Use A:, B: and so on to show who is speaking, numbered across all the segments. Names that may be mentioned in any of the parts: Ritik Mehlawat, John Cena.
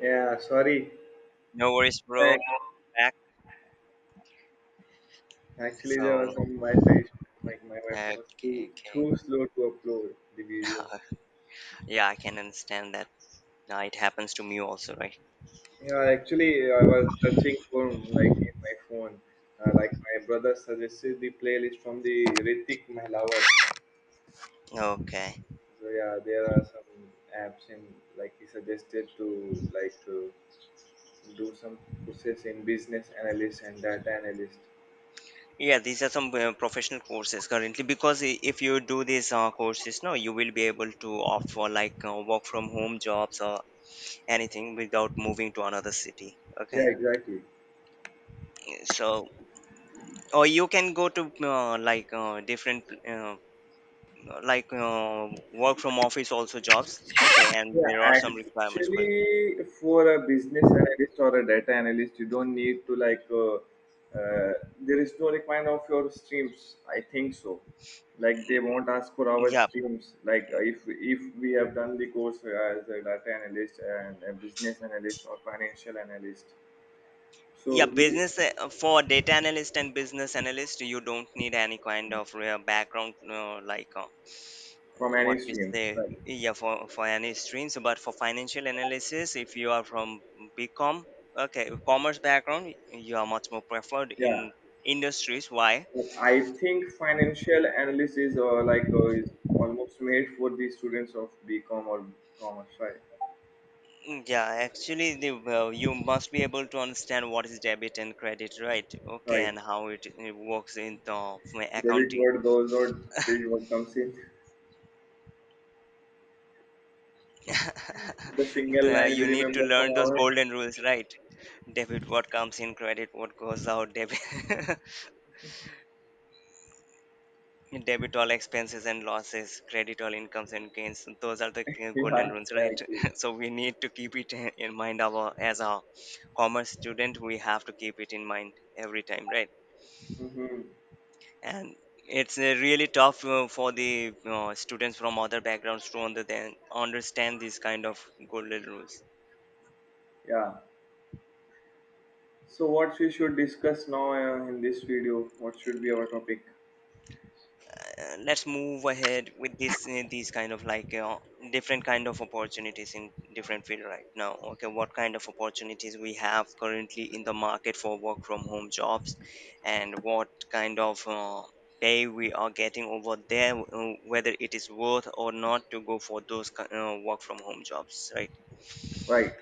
A: Yeah, sorry.
B: No worries, bro.
A: Thanks.
B: Back.
A: Actually, there
B: So,
A: was some Wi-Fi issue. Like my Wi-Fi
B: okay,
A: was too
B: okay.
A: too slow to upload the video.
B: Yeah, I can understand that. Now it happens to me also, right?
A: Yeah, actually, I was searching for like in my phone. Like my brother suggested the playlist from the Ritik Mehlawat.
B: Okay.
A: So yeah, there are some apps in like he suggested to do some process in business analyst and data analyst.
B: Yeah, these are some professional courses currently because if you do these courses, no, you will be able to opt for like work from home jobs or anything without moving to another city.
A: Yeah,
B: Okay.
A: exactly.
B: So, or you can go to like different like work from office also jobs. Okay, and
A: Yeah,
B: there are some
A: and
B: requirements.
A: actually, for a business analyst or a data analyst, you don't need to like. Uh, there is no requirement of your streams. I think so. Like they won't ask for our
B: Yeah,
A: streams. If we have done the course as a data analyst and a business analyst or financial analyst,
B: yeah,
A: so
B: business for data analyst and business analyst you don't need any kind of background, like
A: from any
B: what we
A: streams,
B: say,
A: like
B: yeah, for any streams, but for financial analysis if you are from bcom, okay, commerce background, you are much more preferred
A: yeah.
B: in industries. Why?
A: But I think financial analyst is is almost made for the students of BCom or commerce, right?
B: Mm, yeah, actually the well, you must be able to understand what is debit and credit, right? Okay,
A: Right.
B: and how it works in the
A: David
B: accounting.
A: Ward goes or Creed what comes in. The single line we
B: You need to
A: remember from
B: learn those
A: our
B: golden rules, right? Debit what comes in, credit what goes out, debit debit all expenses and losses, credit all incomes and gains. Those are the golden
A: yeah
B: rules, right?
A: exactly.
B: So we need to keep it in mind, our as a commerce student. We have to keep it in mind every time, right?
A: Mm-hmm.
B: And it's really tough for the students from other backgrounds to then understand these kind of golden rules.
A: Yeah. So what we should discuss now in this video? What should be our topic?
B: Let's move ahead with this these kind of like different kind of opportunities in different field right now. Okay, what kind of opportunities we have currently in the market for work from home jobs, and what kind of pay we are getting over there, whether it is worth or not to go for those work from home jobs, right?
A: Right.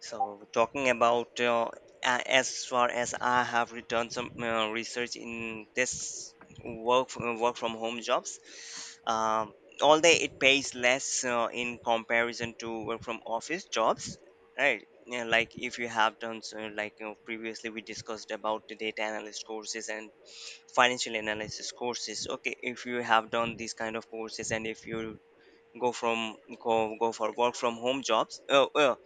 B: So, talking about as far as I have done some research in this, work from home jobs, um, although it pays less in comparison to work from office jobs, right? Yeah, like if you have done so, like, previously we discussed about the data analyst courses and financial analysis courses. Okay, if you have done these kind of courses and if you go from go for work from home jobs,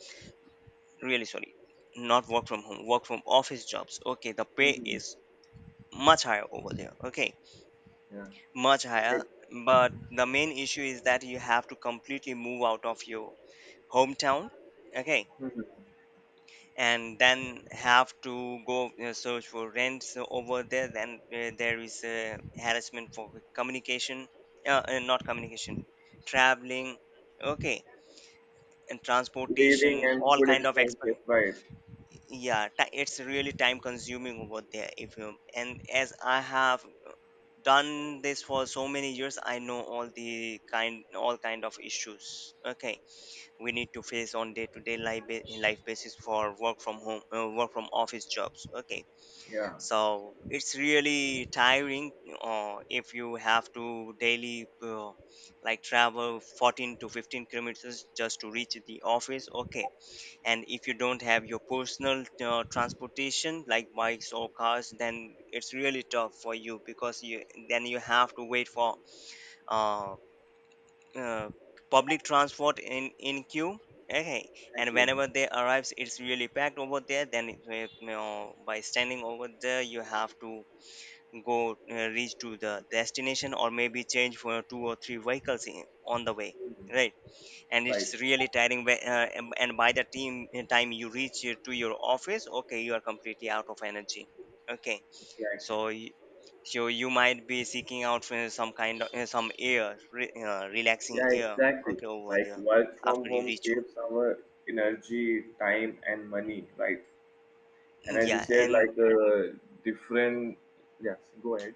B: really sorry, not work from home, work from office jobs, okay. The pay
A: Mm-hmm.
B: is much higher over there, okay,
A: Yeah.
B: much higher.
A: Like,
B: But the main issue is that you have to completely move out of your hometown, okay,
A: mhm.
B: and then have to go search for rents over there. Then there is harassment for communication not communication, traveling, okay, and
A: Living
B: transportation,
A: and
B: all
A: food
B: kind of
A: expenses.
B: expense.
A: Right.
B: Yeah, it's really time consuming over there if you. And as I have done this for so many years, I know all kind of issues, okay, we need to face on day to day life basis for work from office jobs, okay.
A: Yeah.
B: So it's really tiring if you have to daily like travel 14 to 15 kilometers just to reach the office, okay. And if you don't have your personal transportation like bikes or cars, then it's really tough for you, because you, then you have to wait for uh, uh, public transport in queue, okay. And
A: Exactly.
B: whenever they arrives, it's really packed over there. Then it's, by standing over there, you have to go reach to the destination, or maybe change for two or three vehicles on the way,
A: Mhm.
B: right. And
A: Right.
B: it's really tiring, and by the team time you reach to your office, okay, you are completely out of energy, okay.
A: Exactly.
B: So so you might be seeking out for some kind of some relaxing
A: Yeah.
B: air,
A: Exactly.
B: okay, over
A: Like
B: there,
A: work
B: after
A: from
B: you
A: home
B: reach
A: saves our energy, time, and money. Right. And
B: home.
A: as you
B: Yeah,
A: said,
B: and
A: different. Yes, go ahead.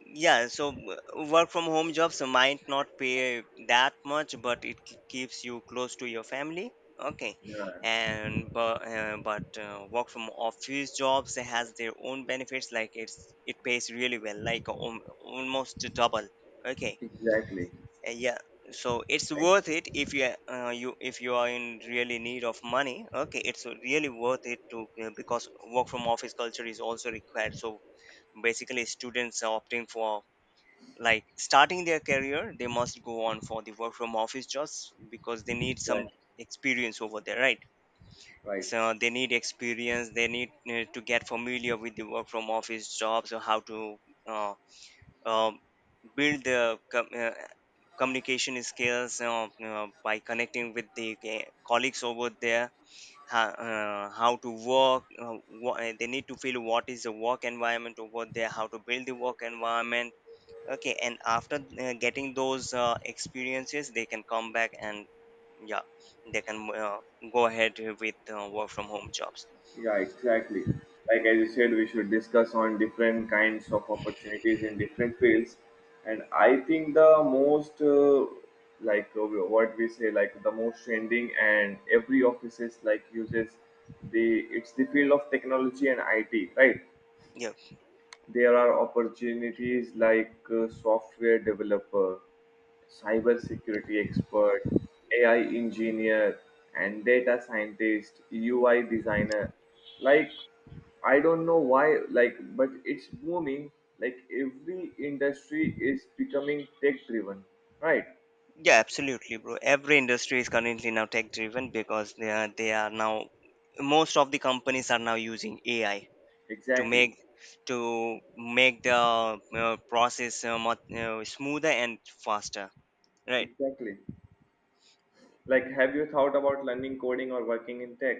B: yeah, so work from home jobs might not pay that much, but it keeps you close to your family. Okay,
A: Yeah,
B: and but work from office jobs has their own benefits. Like it pays really well, like almost double. Okay,
A: exactly.
B: yeah. So it's
A: Like,
B: worth it if you you if you are in really need of money. Okay, it's really worth it to, because work from office culture is also required. So basically students are opting for, like, starting their career, they must go on for the work from office jobs because they need some
A: exactly.
B: experience over there, right?
A: Right.
B: So they need experience, they need to get familiar with the work from office jobs, or how to uh, uh, build the communication skills, by connecting with the colleagues over there. How to work, they need to feel what is the work environment over there, how to build the work environment, okay. And after getting those experiences, they can come back and, yeah, they can go ahead with work from home jobs.
A: Yeah, exactly. Like as you said, we should discuss on different kinds of opportunities in different fields. And I think the most, what we say, like the most trending and every offices like uses the it's the field of technology and IT, right?
B: Yeah,
A: There are opportunities software developer, cybersecurity expert, AI engineer, and data scientist, UI designer. Like, I don't know why, like, but it's booming. Like, every industry is becoming tech driven, right?
B: yeah, absolutely bro, every industry is currently now tech driven, because they are now, most of the companies are now using AI to
A: Exactly,
B: make the process much, smoother and faster, right?
A: exactly. Like, have you thought about learning coding or working in tech?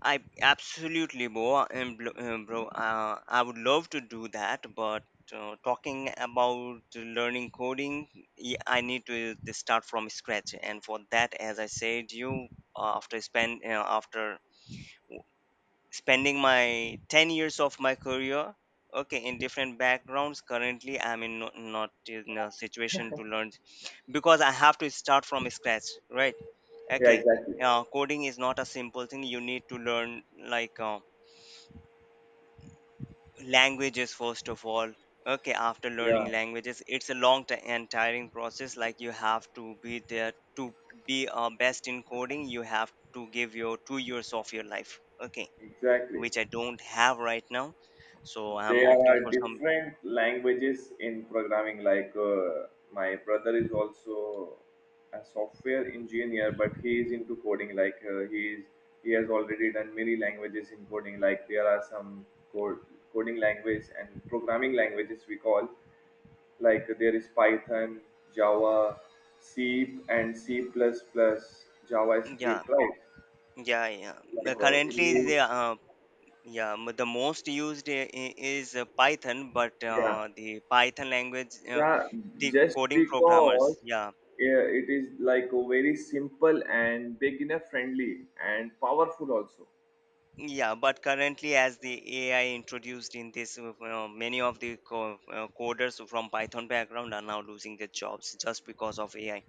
B: I absolutely, bro. Bro, I would love to do that, but talking about learning coding, I need to start from scratch. And for that, as I said, you after spend after w- spending my 10 years of my career, okay, in different backgrounds. Currently, I'm in no, not in a situation to learn because I have to start from scratch, right?
A: Yeah,
B: Okay,
A: exactly.
B: coding is not a simple thing. You need to learn, like. Languages first of all, okay. After
A: Yeah,
B: learning languages, it's a long and tiring process, like you have to be there. To be best in coding, you have to give your 2 years of your life, okay,
A: exactly.
B: which I don't have right now, so I'm
A: There
B: opting
A: are
B: for some.
A: different languages in programming. My brother is also a software engineer, but he is into coding. He has already done many languages in coding. Like there are some code, coding language and programming languages we call. Like there is Python, Java, C, and C++, JavaScript.
B: Yeah,
A: Right?
B: yeah, yeah.
A: Like
B: Uh,
A: uh,
B: currently
A: he,
B: the the most used is python, but
A: yeah.
B: the python language,
A: Yeah,
B: the
A: just
B: coding programmers,
A: because
B: yeah.
A: yeah, it is like a very simple and beginner friendly and powerful also.
B: Yeah, but currently, as the AI introduced in this, many of the coders from Python background are now losing their jobs just because of AI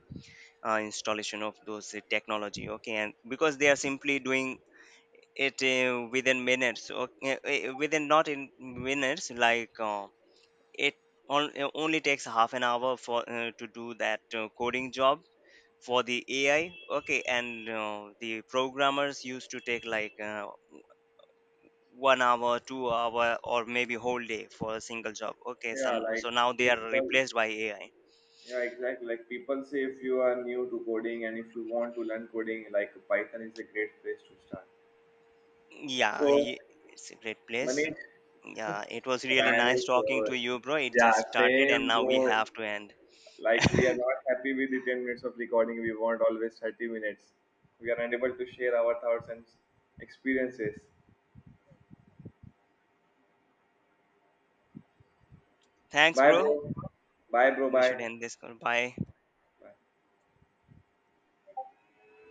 B: installation of those technology. Okay, and because they are simply doing it within minutes, okay, within, not in minutes, like it only takes half an hour for to do that coding job for the AI. Okay, and the programmers used to take, like. 1 hour, 2 hour, or maybe whole day for a single job, okay.
A: Yeah,
B: so, so now they are
A: people,
B: replaced by AI.
A: yeah, exactly. Like people say, if you are new to coding and if you want to learn coding, like Python is a great place to start.
B: Yeah,
A: So,
B: it's a great place.
A: Manish,
B: Yeah, it was really
A: Ryan
B: nice
A: is
B: talking
A: over.
B: to you, bro. It just
A: Yeah,
B: started and
A: same,
B: now we
A: bro.
B: have to end.
A: Like we are not happy with the 10 minutes of recording. We want always 30 minutes. We are unable to share our thoughts and experiences.
B: Thanks,
A: Bye,
B: bro.
A: bro. Bye, bro.
B: We should
A: Bye.
B: end this call. Bye.
A: Bye.